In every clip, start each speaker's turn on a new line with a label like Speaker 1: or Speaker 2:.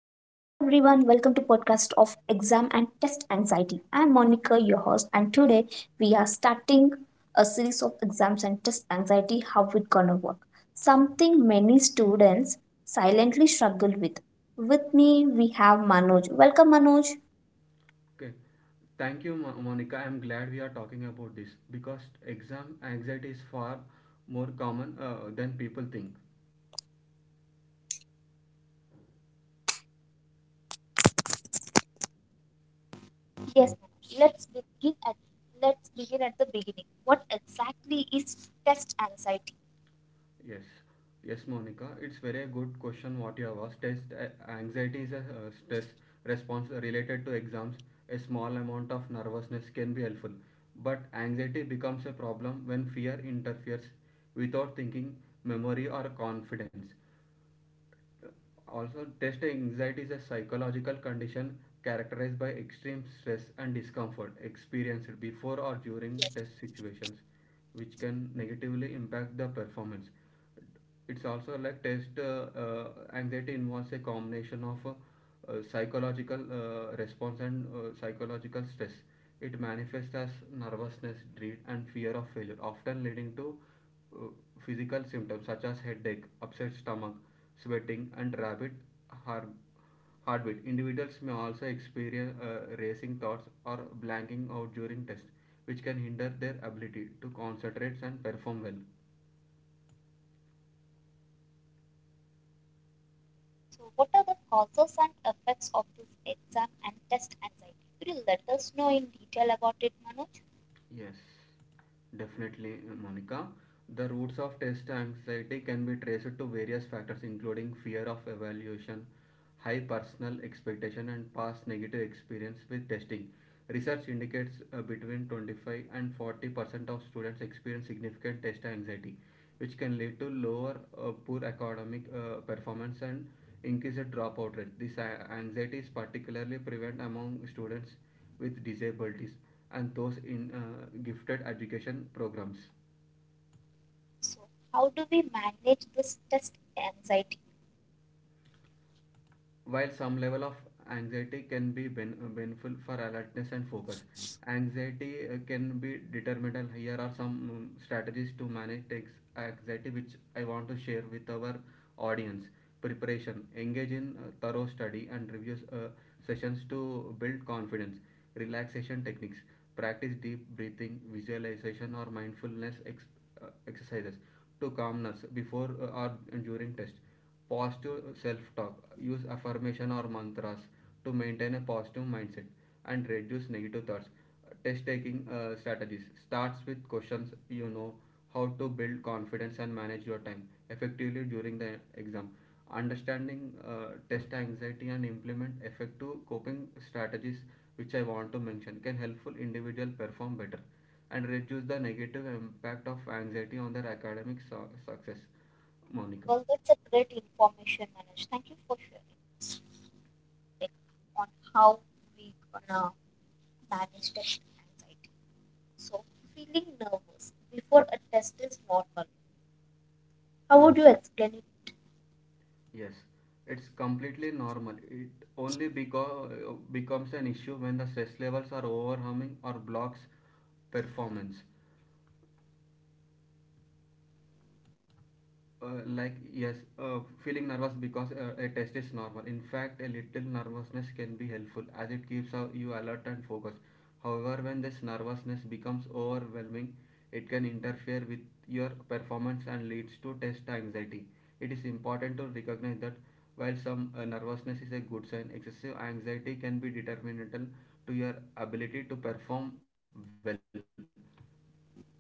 Speaker 1: welcome to podcast of exam and test anxiety. I am Monica, your host, and today we are starting a series of exams and test anxiety. How it gonna work? Something many students silently struggle with. With me we have Manoj. Welcome Manoj.
Speaker 2: Okay. Thank you, Monica. I'm glad we are talking about this because exam anxiety is far more common than people think.
Speaker 1: Yes, let let's begin at let's begin at the beginning. What exactly is test anxiety?
Speaker 2: Yes. Yes, Monica. It's very good question what you have asked. Test anxiety is a stress response related to exams. A small amount of nervousness can be helpful, but anxiety becomes a problem when fear interferes without thinking, memory, or confidence. Also, test anxiety is a psychological condition characterized by extreme stress and discomfort experienced before or during test situations, which can negatively impact the performance. It's also like test anxiety involves a combination of psychological response and psychological stress. It manifests as nervousness, dread, and fear of failure, often leading to uh, physical symptoms such as headache, upset stomach, sweating, and rapid heart- heartbeat. Individuals may also experience racing thoughts or blanking out during tests, which can hinder their ability to concentrate and perform well.
Speaker 1: So, what are the causes and effects of this exam and test anxiety? Could you let us know in detail about it, Manoj?
Speaker 2: Yes, definitely, Monica. The roots of test anxiety can be traced to various factors, including fear of evaluation, high personal expectation, and past negative experience with testing. Research indicates between 25 and 40% of students experience significant test anxiety, which can lead to lower poor academic performance and increased dropout rate. This anxiety is particularly prevalent among students with disabilities and those in gifted education programs.
Speaker 1: So, how do we manage this test anxiety?
Speaker 2: While some level of anxiety can be beneful for alertness and focus, anxiety can be detrimental. Here are some strategies to manage takes anxiety, which I want to share with our audience. Preparation: engage in thorough study and review sessions to build confidence. Relaxation techniques: practice deep breathing, visualization, or mindfulness exercises to calmness before or during test. Positive self-talk, use affirmation or mantras to maintain a positive mindset and reduce negative thoughts. Test taking strategies starts with questions, you know how to build confidence and manage your time effectively during the exam. Understanding test anxiety and implement effective coping strategies which I want to mention can helpful individual perform better and reduce the negative impact of anxiety on their academic success, Monica.
Speaker 1: Well, that's a great information, Manoj. Thank you for sharing this on how we gonna manage test anxiety. So, feeling nervous before a test is normal. How would you explain it?
Speaker 2: Yes, it's completely normal. It only becomes an issue when the stress levels are overwhelming or blocks performance. Like yes, feeling nervous because a test is normal. In fact, a little nervousness can be helpful as it keeps you alert and focused. However, when this nervousness becomes overwhelming, it can interfere with your performance and leads to test anxiety. It is important to recognize that while some nervousness is a good sign, excessive anxiety can be detrimental to your ability to perform well.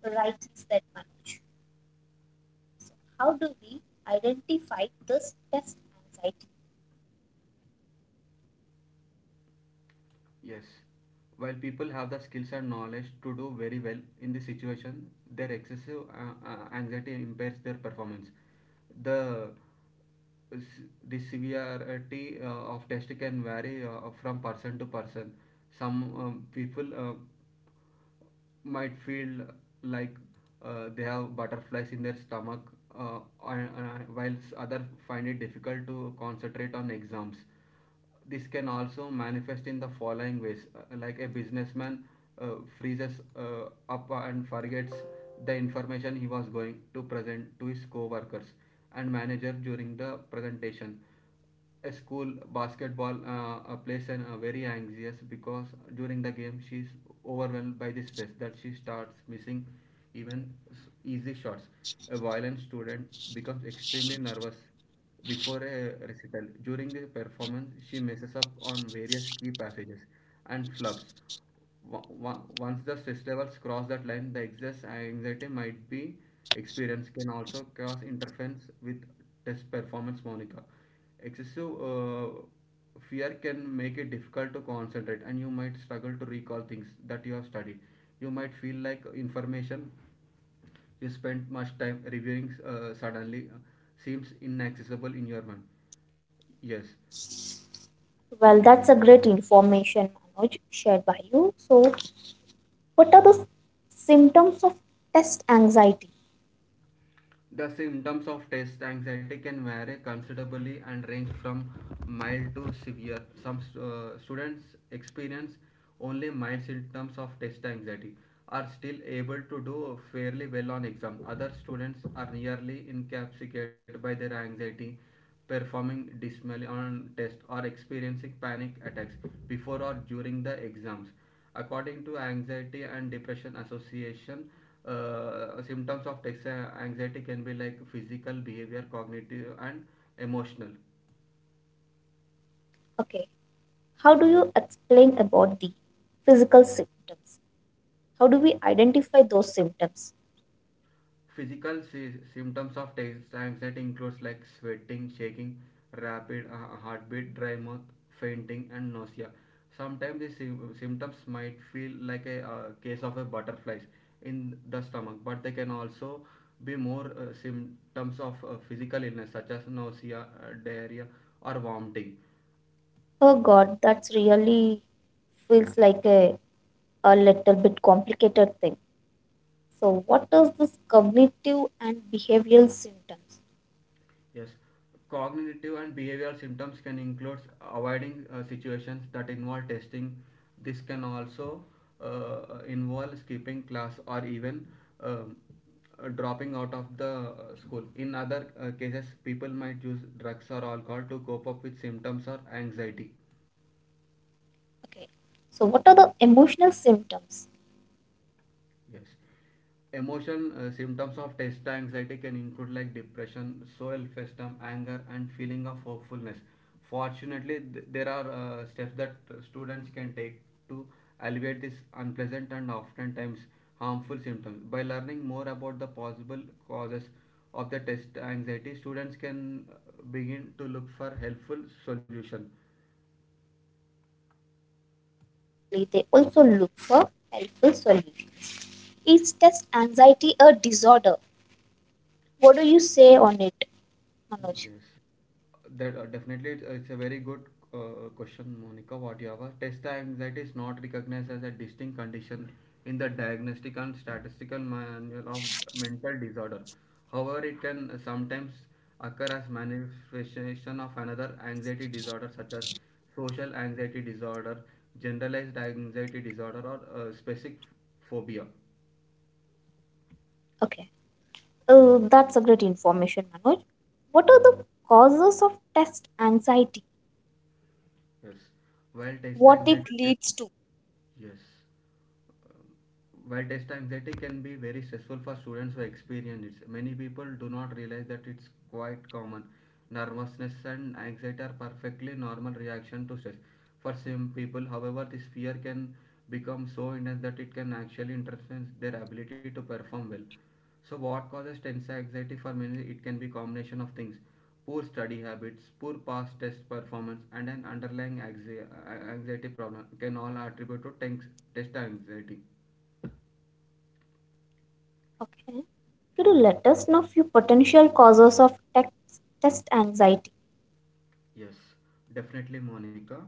Speaker 1: Right, is that Manoj? How do we identify this test anxiety?
Speaker 2: Yes. While people have the skills and knowledge to do very well in this situation, their excessive anxiety impairs their performance. The s- the severity of test can vary from person to person. Some people might feel like they have butterflies in their stomach, uh, and whilst others find it difficult to concentrate on exams. This can also manifest in the following ways, like a businessman uh, freezes up and forgets the information he was going to present to his co workers and manager during the presentation. A school basketball plays and very anxious because during the game she's overwhelmed by the stress that she starts missing even easy shots. A violent student becomes extremely nervous before a recital. During the performance, she messes up on various key passages and flubs. Once the stress levels cross that line, the excess anxiety might be experienced can also cause interference with test performance, Monica. Excessive fear can make it difficult to concentrate, and you might struggle to recall things that you have studied. You might feel like information you spent much time reviewing suddenly seems inaccessible in your mind. Yes.
Speaker 1: Well, that's a great information, Manoj, shared by you. So, what are the symptoms of test anxiety?
Speaker 2: The symptoms of test anxiety can vary considerably and range from mild to severe. Some students experience only mild symptoms of test anxiety are still able to do fairly well on exam. Other students are nearly incapacitated by their anxiety performing dismally on tests, or experiencing panic attacks before or during the exams. According to Anxiety and Depression Association, symptoms of text anxiety can be like physical, behavior, cognitive, and emotional.
Speaker 1: Okay, how do you explain about the physical symptoms? How do we
Speaker 2: Okay.
Speaker 1: identify those symptoms?
Speaker 2: Physical symptoms of anxiety includes like sweating, shaking, rapid heartbeat, dry mouth, fainting, and nausea. Sometimes the symptoms might feel like a case of a butterflies in the stomach, but they can also be more symptoms of physical illness such as nausea, diarrhea, or vomiting.
Speaker 1: Oh God, that's really feels like a little bit complicated thing. So, what is this cognitive and behavioral symptoms?
Speaker 2: Yes, cognitive and behavioral symptoms can include avoiding situations that involve testing. This can also involve skipping class or even um, dropping out of the school. In other cases, people might use drugs or alcohol to cope up with symptoms or anxiety.
Speaker 1: Okay, so what are the emotional symptoms?
Speaker 2: Yes. Emotion symptoms of test anxiety can include like depression, self-esteem, anger, and feeling of hopefulness. Fortunately, there are steps that students can take to alleviate these unpleasant and oftentimes harmful symptoms. By learning more about the possible causes of the test anxiety, students can begin to look for helpful solution.
Speaker 1: Yes, exactly. They also look for helpful solutions. Is test anxiety a disorder? What do you say on it, Manoj?
Speaker 2: Yes. That Definitely it's a very good question, Monica. What you have asked. Test anxiety is not recognized as a distinct condition in the Diagnostic and Statistical Manual of Mental Disorder. However, it can sometimes occur as manifestation of another anxiety disorder such as social anxiety disorder, generalized anxiety disorder, or specific phobia.
Speaker 1: Okay, that's a great information, Manoj. What are the causes of test anxiety?
Speaker 2: Yes. While test
Speaker 1: What it
Speaker 2: anxiety,
Speaker 1: leads to?
Speaker 2: yes. Um, while test anxiety can be very stressful for students who experience it, many people do not realize that it's quite common. Nervousness and anxiety are perfectly normal reaction to stress. For some people, however, this fear can become so intense that it can actually interfere their ability to perform well. So what causes tense anxiety for many? It can be combination of things. Poor study habits, poor past test performance, and an underlying anxiety problem can all attribute to tense, test anxiety.
Speaker 1: Okay, could you let us know few potential causes of test anxiety?
Speaker 2: Yes, definitely, Monica.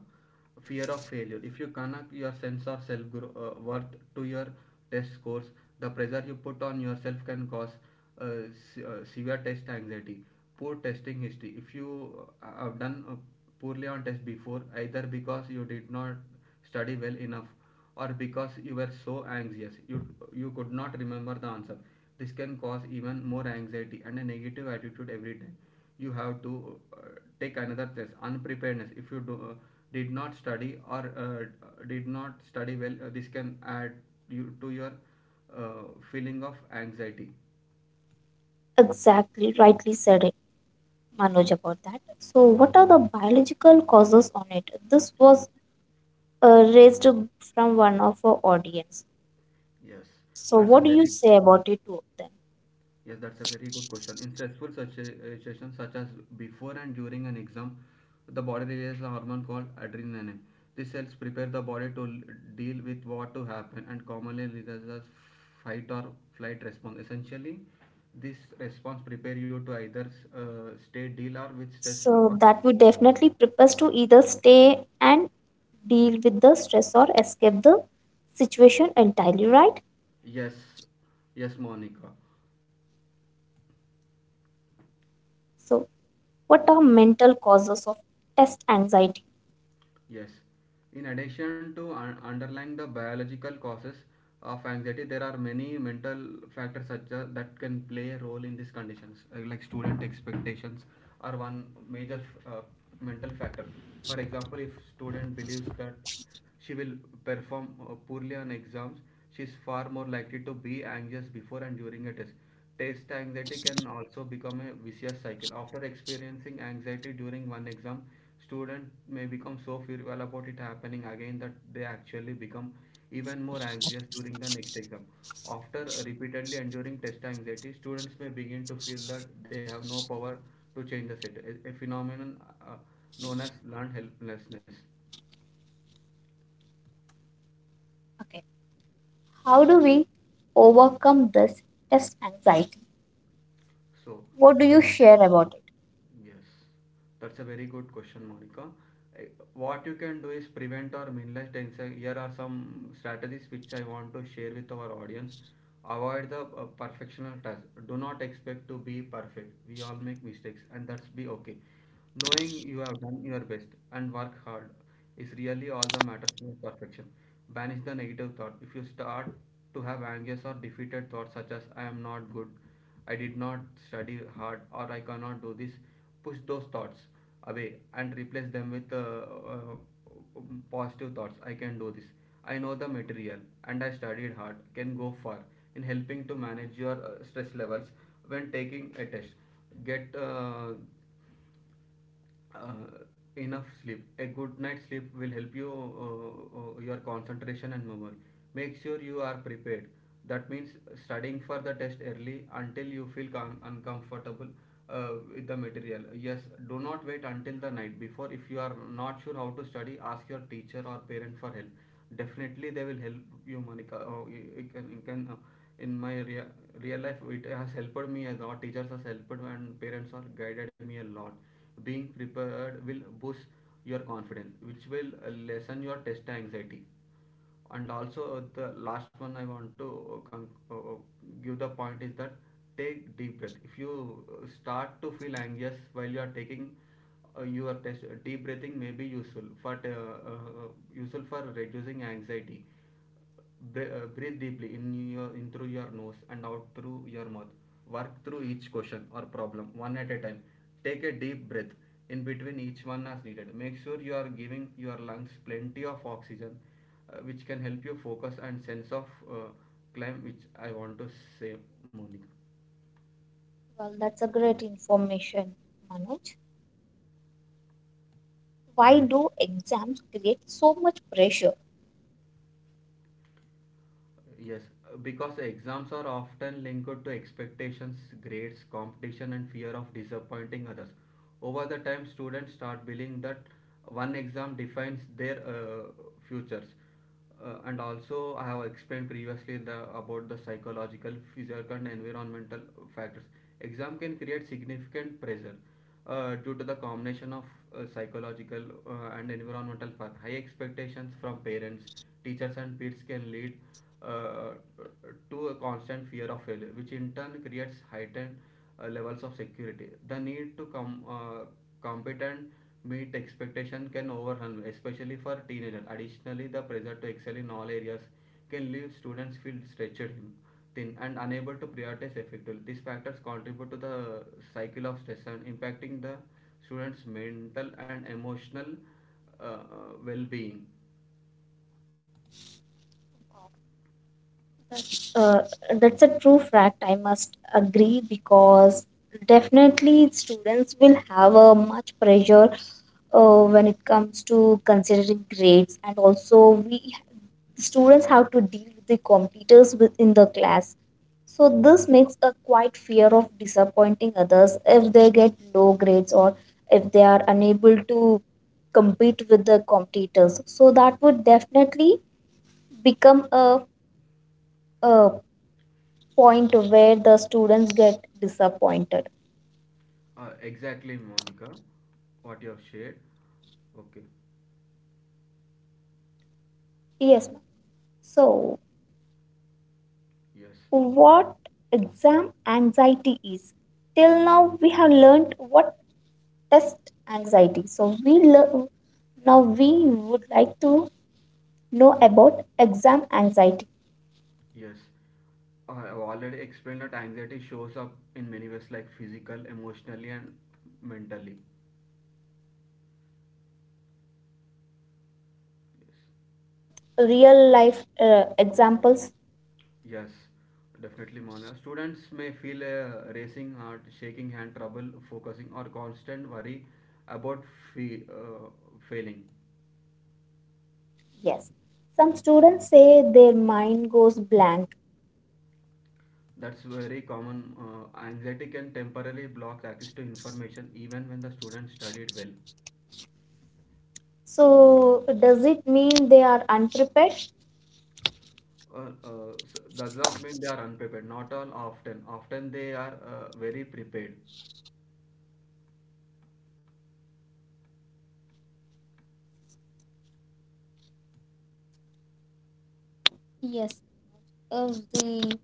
Speaker 2: Fear of failure. If you connect your sense or self worth to your test scores, the pressure you put on yourself can cause uh, severe test anxiety. Poor testing history. If you have done poorly on test before, either because you did not study well enough or because you were so anxious you could not remember the answer. This can cause even more anxiety and a negative attitude every time. You have to take another test. Unpreparedness. If you did not study or did not study well, this can add you to your uh, feeling of anxiety.
Speaker 1: Exactly, rightly said it, Manoj, about that. So, what are the biological causes on it? This was raised from one of our audience.
Speaker 2: Yes,
Speaker 1: So,
Speaker 2: that's a
Speaker 1: what do you
Speaker 2: very good
Speaker 1: say
Speaker 2: question.
Speaker 1: about it to them?
Speaker 2: Yes, that's a very good question. In stressful situations such as before and during an exam, the body releases a hormone called adrenaline. This helps prepare the body to deal with what to happen and commonly releases a fight or flight response. Essentially, this response prepare you to either stay deal or with stress
Speaker 1: So
Speaker 2: or
Speaker 1: that would definitely prepare us to either stay and deal with the stress or escape the situation entirely, right?
Speaker 2: yes, yes, Monica.
Speaker 1: So, what are mental causes of test anxiety?
Speaker 2: Yes. In addition to underlying the biological causes of anxiety, there are many mental factors such as that can play a role in these conditions, like student expectations are one major uh, mental factor. For example, if student believes that she will perform poorly on exams. She is far more likely to be anxious before and during a test. Test anxiety can also become a vicious cycle. After experiencing anxiety during one exam, student may become so fearful about it happening again that they actually become even more anxious during the next exam. After repeatedly enduring test anxiety, students may begin to feel that they have no power to change the set, a phenomenon uh, known as learned helplessness.
Speaker 1: Okay, how do we overcome this test anxiety?
Speaker 2: So,
Speaker 1: What do you
Speaker 2: ex.
Speaker 1: share about it?
Speaker 2: Yes, that's a very good question, Monica. I- What you can do is prevent or minimize tension. Here are some strategies which I want to share with our audience. Avoid the perfectional task. Do not expect to be perfect. We all make mistakes, and that's be okay. Knowing you have done your best and work hard is really all that matters in perfection. Banish the negative thought. If you start to have anxious or defeated thoughts such as "I am not good," I did not study hard or I cannot do this. Push those thoughts away and replace them with positive thoughts. I can do this. I know the material and I studied hard. Can go far in helping to manage your stress levels when taking a test. Get uh, enough sleep. A good night sleep will help you your concentration and memory. Make sure you are prepared. That means studying for the test early until you feel uncomfortable with the material, yes. Do not wait until the night before. If you are not sure how to study, ask your teacher or parent for help. Definitely they will help you, Monica. Oh, you can in my real life it has helped me a lot. Teachers has helped and parents are guided me a lot. Being prepared will boost your confidence, which will lessen your test anxiety. And also, the last one I want to uh, uh, uh, give the point is that take deep breath. If you start to feel anxious while you are taking your test, deep breathing may be useful for reducing anxiety. Breathe deeply in your in through your nose and out through your mouth. Work through each question or problem one at a time. Take a deep breath in between each one as needed. Make sure you are giving your lungs plenty of oxygen, which can help you focus and sense of uh, climb, which I want to say, Monica.
Speaker 1: Well, that's a great information, Manoj. Why do exams create so much pressure?
Speaker 2: Yes, because exams are often linked to expectations, grades, competition, and fear of disappointing others. Over the time, students start believing that one exam defines their futures. And also, I have explained previously about the psychological, physical, and environmental factors. Exam can create significant pressure due to the combination of psychological and environmental factors. High expectations from parents, teachers, and peers can lead uh, to a constant fear of failure, which in turn creates heightened levels of security. The need to come compete and meet expectation can overwhelm, especially for teenagers. Additionally, the pressure to excel in all areas can leave students feel stretched thin and unable to prioritize effectively. These factors contribute to the cycle of stress and impacting the students' mental and emotional well-being.
Speaker 1: Uh, that's a true fact. I must agree because definitely students will have a much pressure when it comes to considering grades, and also we students have to deal with the competitors within the class. So this makes a quite fear of disappointing others if they get low grades or if they are unable to compete with the competitors. So that would definitely become a point where the students get disappointed.
Speaker 2: Exactly, Monica, what you have shared. Okay,
Speaker 1: Yes, ma'am. So,
Speaker 2: yes,
Speaker 1: what exam anxiety is? Till now, we have learned what test anxiety. So, we learn now we would like to know about exam anxiety.
Speaker 2: yes. I have already explained that anxiety shows up in many ways, like physical, emotionally, and mentally.
Speaker 1: Yes, ma'am. So, can you
Speaker 2: Yes.
Speaker 1: explain us with real life examples?
Speaker 2: Yes, definitely, Mona. Students may feel a racing heart, shaking hand, trouble focusing, or constant worry about fe- uh, failing.
Speaker 1: Yes. Some students say their mind goes blank.
Speaker 2: That's very common. Anxiety can temporarily block access to information even when the student studied well.
Speaker 1: So, does it mean they are unprepared?
Speaker 2: So does not mean they are unprepared. Not all often. Often they are very prepared.
Speaker 1: Yes, if the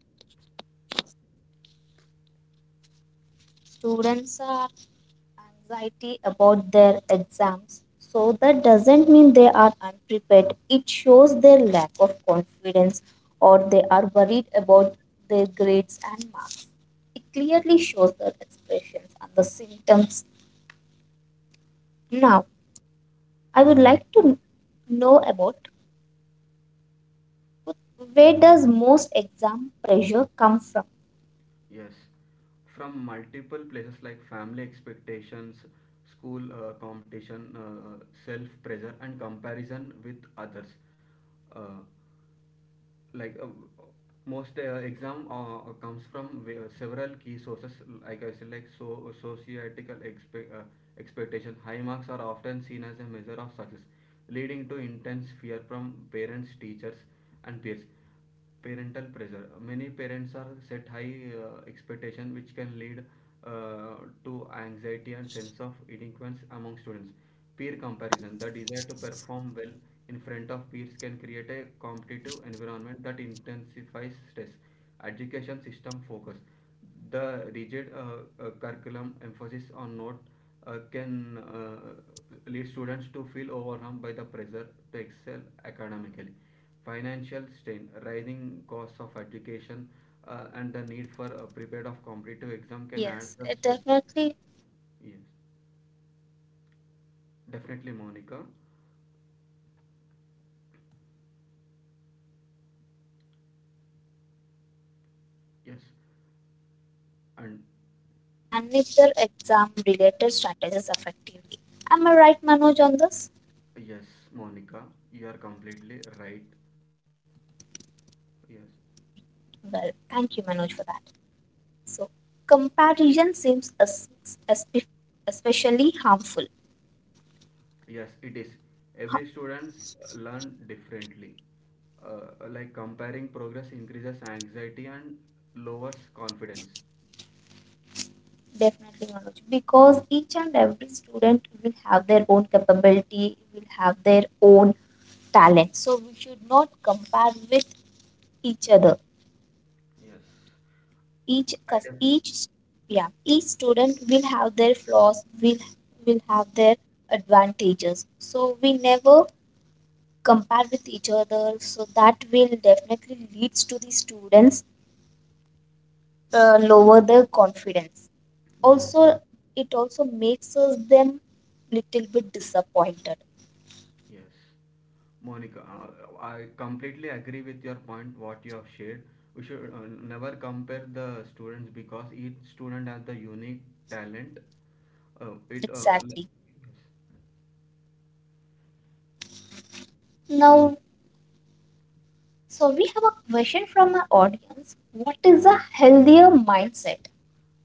Speaker 1: students are anxiety about their exams, so that doesn't mean they are unprepared. It shows their lack of confidence or they are worried about their grades and marks. It clearly shows their expressions and the symptoms. Now, I would like to know about where does most exam pressure come from?
Speaker 2: Yes, from multiple places like family expectations, school competition, self pressure, and comparison with others. Uh, like uh, most exam comes from several key sources, like I said, like so societal expectation. High marks are often seen as a measure of success, leading to intense fear from parents, teachers, and peers. Parental pressure, many parents are set high expectation which can lead uh, to anxiety and sense of inadequacy among students. Peer comparison, the desire to perform well in front of peers can create a competitive environment that intensifies stress. Education system focus, the rigid curriculum emphasis on note can lead students to feel overwhelmed by the pressure to excel academically. Financial strain, rising costs of education, and the need for a prepared of competitive exam can add
Speaker 1: Yes,
Speaker 2: the
Speaker 1: it
Speaker 2: stress.
Speaker 1: definitely
Speaker 2: Yes,
Speaker 1: rising the cost of education and the need to prepare
Speaker 2: definitely,
Speaker 1: for
Speaker 2: Monica.
Speaker 1: competitive exams can this add to the stress experienced by students. Understanding these factors
Speaker 2: Yes,
Speaker 1: can help students develop
Speaker 2: and
Speaker 1: strategies to manage their exam related strategies effectively. Am I right, Manoj, on this?
Speaker 2: yes, Monica, you are completely right. Yes.
Speaker 1: Well, thank you, Manoj, for that. So, comparison seems espe- especially harmful.
Speaker 2: Yes, it is. Every students learn differently. Like comparing progress increases anxiety and lowers confidence.
Speaker 1: Definitely, Manoj, because each and every student will have their own capability, will have their own talent. So we should not compare with each other.
Speaker 2: Yes.
Speaker 1: Each,
Speaker 2: I
Speaker 1: cause
Speaker 2: definitely.
Speaker 1: each, yeah, each student will have their flaws, will have their advantages. So we never compare with each other. So that will definitely leads to the students lower their confidence.
Speaker 2: Yes,
Speaker 1: Also, it also makes us them little bit disappointed.
Speaker 2: yes. Monica, I completely agree with your point, what you have shared. We should never compare the students because each student has the unique talent. Uh, it, uh, l-
Speaker 1: Exactly. Now, so we have a question from our audience. What is a healthier mindset?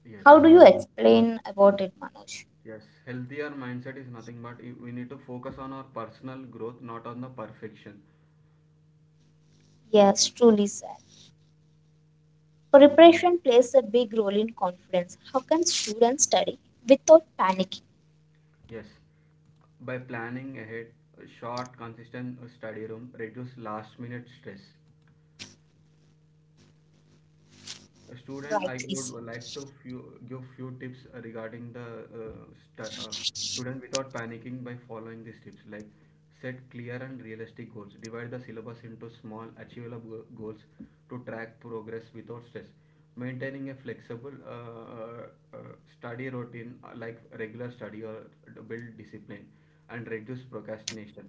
Speaker 2: yes,
Speaker 1: How do you explain about it, Manoj?
Speaker 2: yes, yes. Healthier mindset is nothing but we need to focus on our personal growth, not on the perfection.
Speaker 1: Yes, truly said. Preparation plays a big role in confidence. How can students study without panicking?
Speaker 2: Yes, by planning ahead, a short, consistent study room reduce last minute stress. Student,
Speaker 1: Right,
Speaker 2: I
Speaker 1: he
Speaker 2: would
Speaker 1: said.
Speaker 2: like to give few tips regarding the stu uh, student without panicking by following these tips. Like set clear and realistic goals. Divide the syllabus into small, achievable goals to track progress without stress. Maintaining a flexible uh, study routine like regular study or build discipline and reduce procrastination.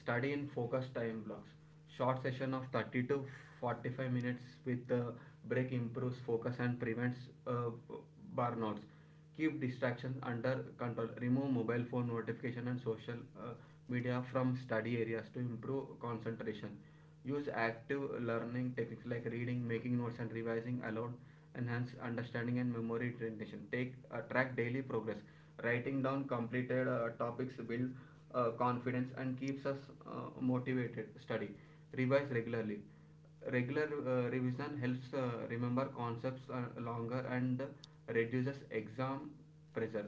Speaker 2: Study in focused time blocks, short session of 30 to 45 minutes with the break improves focus and prevents uh, burnouts. Keep distractions under control. Remove mobile phone notification and social uh, media from study areas to improve concentration. Use active learning techniques like reading, making notes, and revising aloud. Enhance understanding and memory retention. Take Track daily progress. Writing down completed topics build confidence and keeps us motivated. Study. Revise regularly. Regular revision helps remember concepts longer and reduces exam pressure.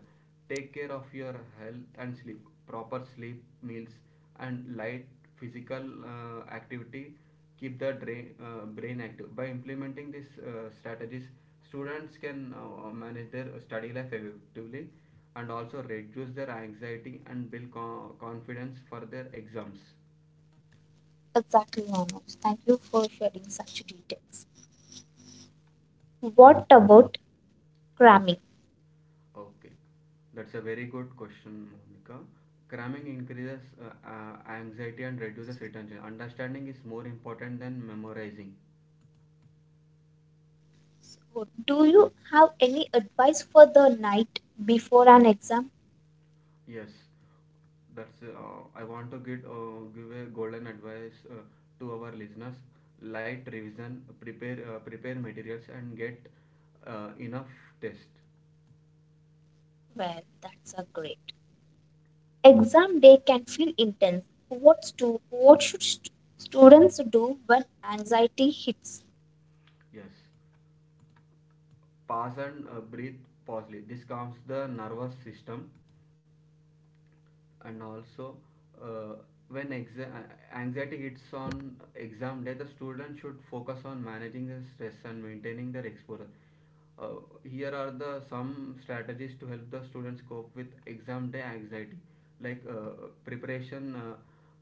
Speaker 2: Take care of your health and sleep. Proper sleep, meals, and light physical activity keep the brain active. By implementing these strategies, students can manage their study life effectively and also reduce their anxiety and build confidence for their exams.
Speaker 1: Exactly, Manoj, thank you for sharing such details. What about cramming?
Speaker 2: Okay, that's a very good question, Monica. Cramming increases anxiety and reduces attention. Understanding is more important than memorizing.
Speaker 1: So, do you have any advice for the night before an exam?
Speaker 2: Yes, that's I want to get give a golden advice to our listeners. Light revision, prepare materials and get enough test.
Speaker 1: Well, that's a great. Exam day can feel intense. What should students do when anxiety hits?
Speaker 2: Yes, pause and breathe positively. This calms the nervous system. And also, uh, when anxiety hits on exam day, the student should focus on managing the stress and maintaining their exposure. Uh, here are the some strategies to help the students cope with exam day anxiety. Like preparation, uh,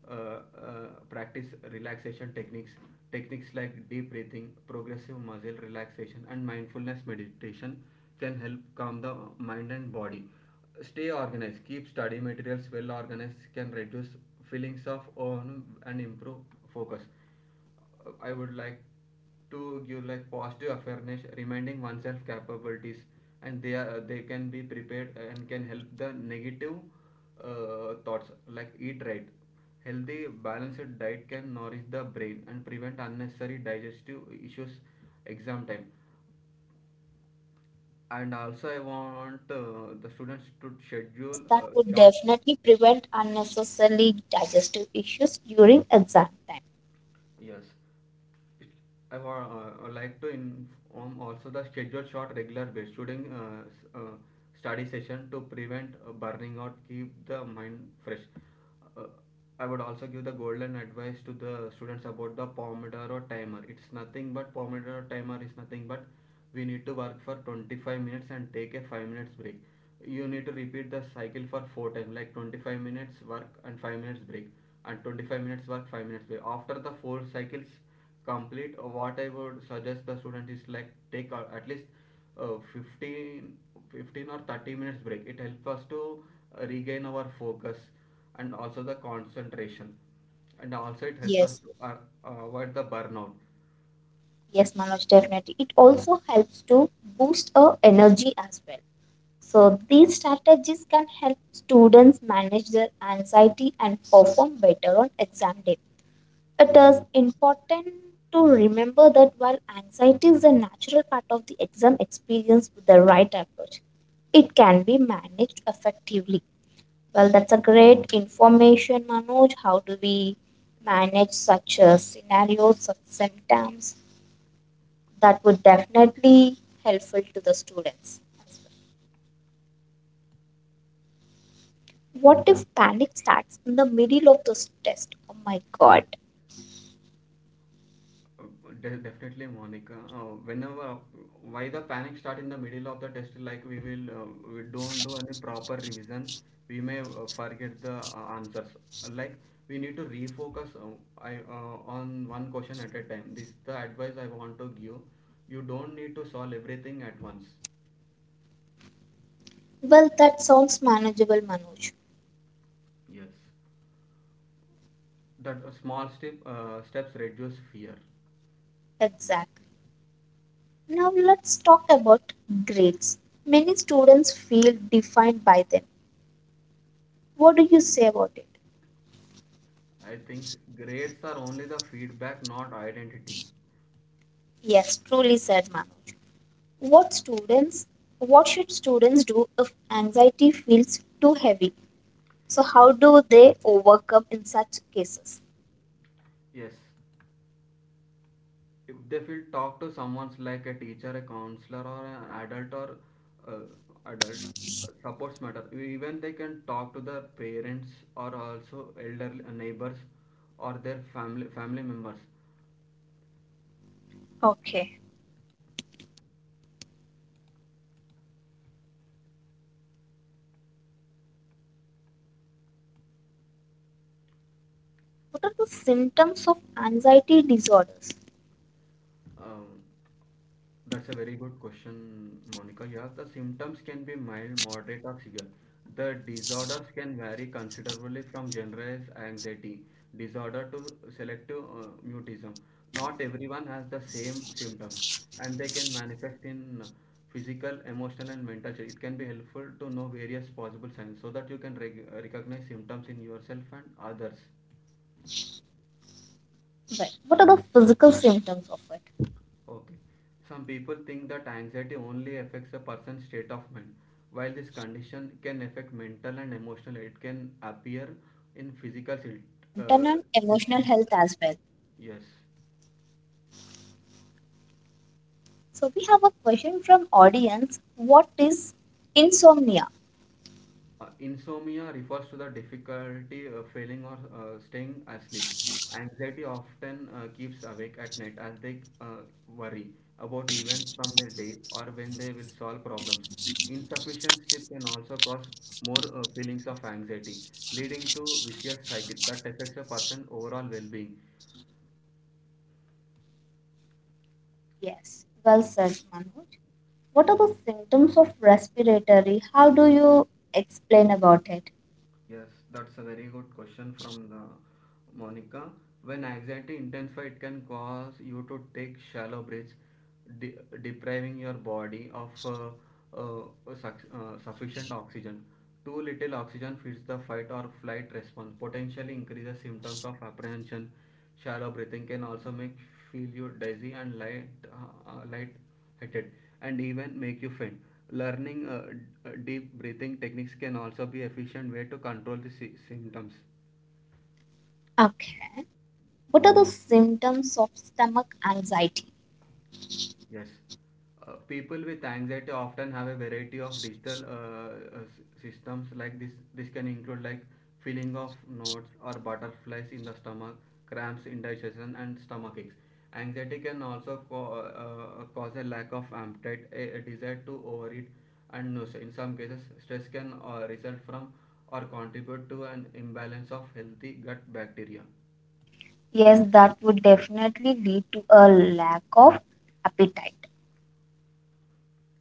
Speaker 2: uh, uh, practice relaxation techniques like deep breathing, progressive muscle relaxation, and mindfulness meditation can help calm the mind and body. Stay organized. Keep study materials well organized can reduce feelings of overwhelm and improve focus. I would like to give like positive awareness, reminding oneself capabilities, and they can be prepared and can help the negative thoughts. Like eat right, healthy balanced diet can nourish the brain and prevent unnecessary digestive issues exam time. And also, I want the students to
Speaker 1: Yes,
Speaker 2: schedule
Speaker 1: that would
Speaker 2: short.
Speaker 1: definitely prevent unnecessarily digestive issues during exam time.
Speaker 2: Yes, It- I wa would like to inform also the schedule short regular base shooting study session to prevent burning out, keep the mind fresh. Uh, I would also give the golden advice to the students about the Pomodoro timer. It's nothing but Pomodoro timer is nothing but we need to work for 25 minutes and take a 5 minutes break. You need to repeat the cycle for 4 times, like 25 minutes work and 5 minutes break, and 25 minutes work 5 minutes break. After the 4 cycles complete, what I would suggest the student is like take at least 15 fifteen or 30 minutes break. It helps us to regain our focus and also the concentration, and also it helps us
Speaker 1: Yes,
Speaker 2: to avoid the burnout.
Speaker 1: yes, Manoj, definitely. It also helps to boost our energy as well. So, these strategies can help students manage their anxiety and perform better on exam day. It is important to remember that while anxiety is a natural part of the exam experience with the right approach, it can be managed effectively. Well, that's a great information, Manoj. How do we manage such scenarios, such symptoms? That would definitely helpful to the students as well. What if panic starts in the middle of this test? Oh my god.
Speaker 2: Definitely, Monica. Whenever why the panic start in the middle of the test, like we don't do any proper revision, we may forget the answers. Like we need to refocus, on one question at a time. This is the advice I want to give. You don't need to solve everything at once.
Speaker 1: Well, that sounds manageable, Manoj.
Speaker 2: Yes, that small steps reduce fear.
Speaker 1: Exactly. Now let's talk about grades. Many students feel defined by them. What do you say about it?
Speaker 2: I think grades are only the feedback, not identity.
Speaker 1: Yes, truly said Manoj. What students what should students do if anxiety feels too heavy? So
Speaker 2: Yes.
Speaker 1: how do they overcome in such cases?
Speaker 2: Yes. If they feel talk to someone's like a teacher, a counselor, or an adult, or adult supports matter E, even they can talk to their parents or also elderly neighbors or their family members.
Speaker 1: Okay. What are the symptoms of anxiety disorders?
Speaker 2: Um, that's a very good question, Monica. Yeah, the symptoms can be mild, moderate, or severe. The disorders can vary considerably from generalized anxiety disorder to selective mutism. Not everyone has the same symptoms, and they can manifest in physical, emotional, and mental change. It can be helpful to know various possible signs so that you can recognize symptoms in yourself and others.
Speaker 1: Right. What are the physical symptoms of it?
Speaker 2: Okay. Some people think that anxiety only affects a person's state of mind. While this condition can affect mental and emotional, it can appear
Speaker 1: Yes,
Speaker 2: in
Speaker 1: that may
Speaker 2: physical
Speaker 1: affect mental and emotional
Speaker 2: system.
Speaker 1: health as well.
Speaker 2: Yes.
Speaker 1: So we have a question from audience. What is insomnia?
Speaker 2: Insomnia refers to the difficulty failing or staying asleep. Anxiety often keeps awake at night as they worry about events from their day or when they will solve problems. Insufficient sleep can also cause more feelings of anxiety, leading to vicious cycle that affects a person's overall well-being.
Speaker 1: Yes. Well said, Manoj. What are the symptoms of respiratory? How do you explain about it?
Speaker 2: Yes, that's a very good question from the Monica. When anxiety intensifies, it can cause you to take shallow breaths, de- depriving your body of sufficient oxygen. Too little oxygen feeds the fight or flight response, potentially increases symptoms of apprehension. Shallow breathing can also make feel you dizzy and light-headed, and even make you faint. Learning deep breathing techniques can also be efficient way to control the symptoms.
Speaker 1: Okay. What are the symptoms of stomach anxiety?
Speaker 2: Yes. People with anxiety often have a variety of digital systems like this. This can include like feeling of knots or butterflies in the stomach, cramps, indigestion, and stomach aches. Anxiety can also cause a lack of appetite, a desire to overeat, and nausea. In some cases, stress can result from or contribute to an imbalance of healthy gut bacteria.
Speaker 1: Yes, that would definitely lead to a lack of appetite.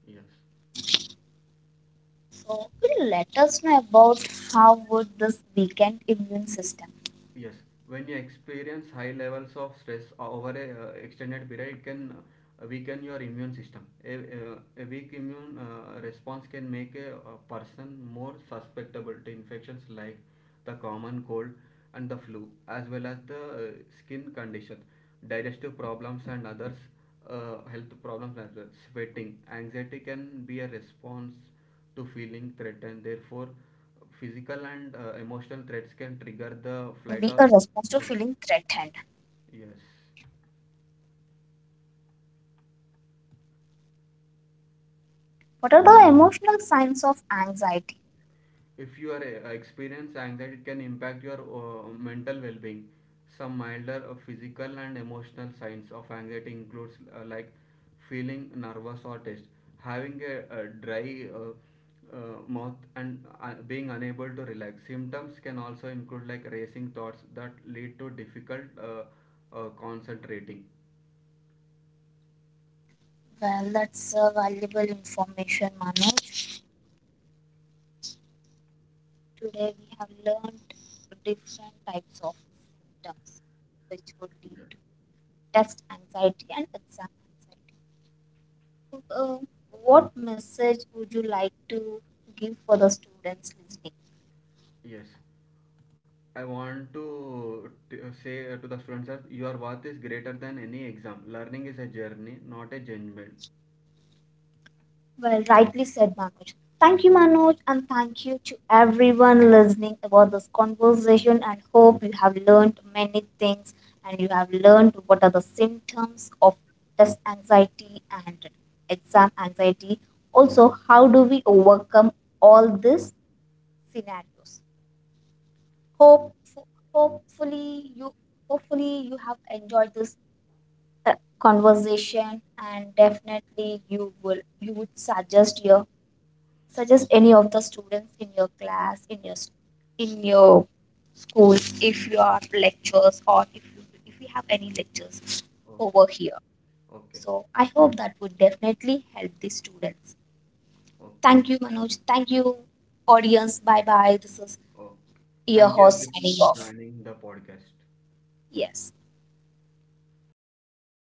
Speaker 2: Yes.
Speaker 1: So, could you let us know about how would this weakened immune system?
Speaker 2: Yes, when you experience high levels of stress over a extended period, it can weaken your immune system. A weak immune response can make a person more susceptible to infections like the common cold and the flu, as well as the skin condition, digestive problems, and others health problems as well. Sweating, anxiety can be a response to feeling threatened. Therefore, physical and emotional threats can
Speaker 1: Okay.
Speaker 2: trigger
Speaker 1: It
Speaker 2: the
Speaker 1: can
Speaker 2: flight
Speaker 1: be
Speaker 2: or
Speaker 1: a response to
Speaker 2: response.
Speaker 1: feeling threatened.
Speaker 2: Yes.
Speaker 1: What are the emotional signs of anxiety?
Speaker 2: If you are experience anxiety, it can impact your mental well-being. Some milder physical and emotional signs of anxiety includes like feeling nervous or tense, having a dry mouth, and being unable to relax. Symptoms can also include like racing thoughts that lead to difficult concentrating.
Speaker 1: Well, that's a valuable information, Manoj. Today we have learned different types of symptoms which would lead to test anxiety and exam anxiety. So, what message would you like to give for the students listening?
Speaker 2: Yes, I want to say to the students that your worth is greater than any exam. Learning is a journey, not a judgment.
Speaker 1: Well, rightly said, Manoj. Thank you, Manoj, and thank you to everyone listening about this conversation. And hope you have learned many things and you have learned what are the symptoms of test anxiety and exam anxiety. Also, how do we overcome all these scenarios?
Speaker 2: Okay,
Speaker 1: Hope, hopefully, you hopefully you have enjoyed this uh, conversation, and definitely you would suggest your suggest any of the students in your class in your school if you are lectures or if we have any lectures over
Speaker 2: okay,
Speaker 1: here.
Speaker 2: okay,
Speaker 1: So I hope that would definitely help the students.
Speaker 2: okay.
Speaker 1: Thank you Manoj, thank you audience. Bye bye, this is
Speaker 2: Okay.
Speaker 1: your
Speaker 2: Thank you
Speaker 1: host signing
Speaker 2: everyone for
Speaker 1: off.
Speaker 2: joining the podcast.
Speaker 1: Yes.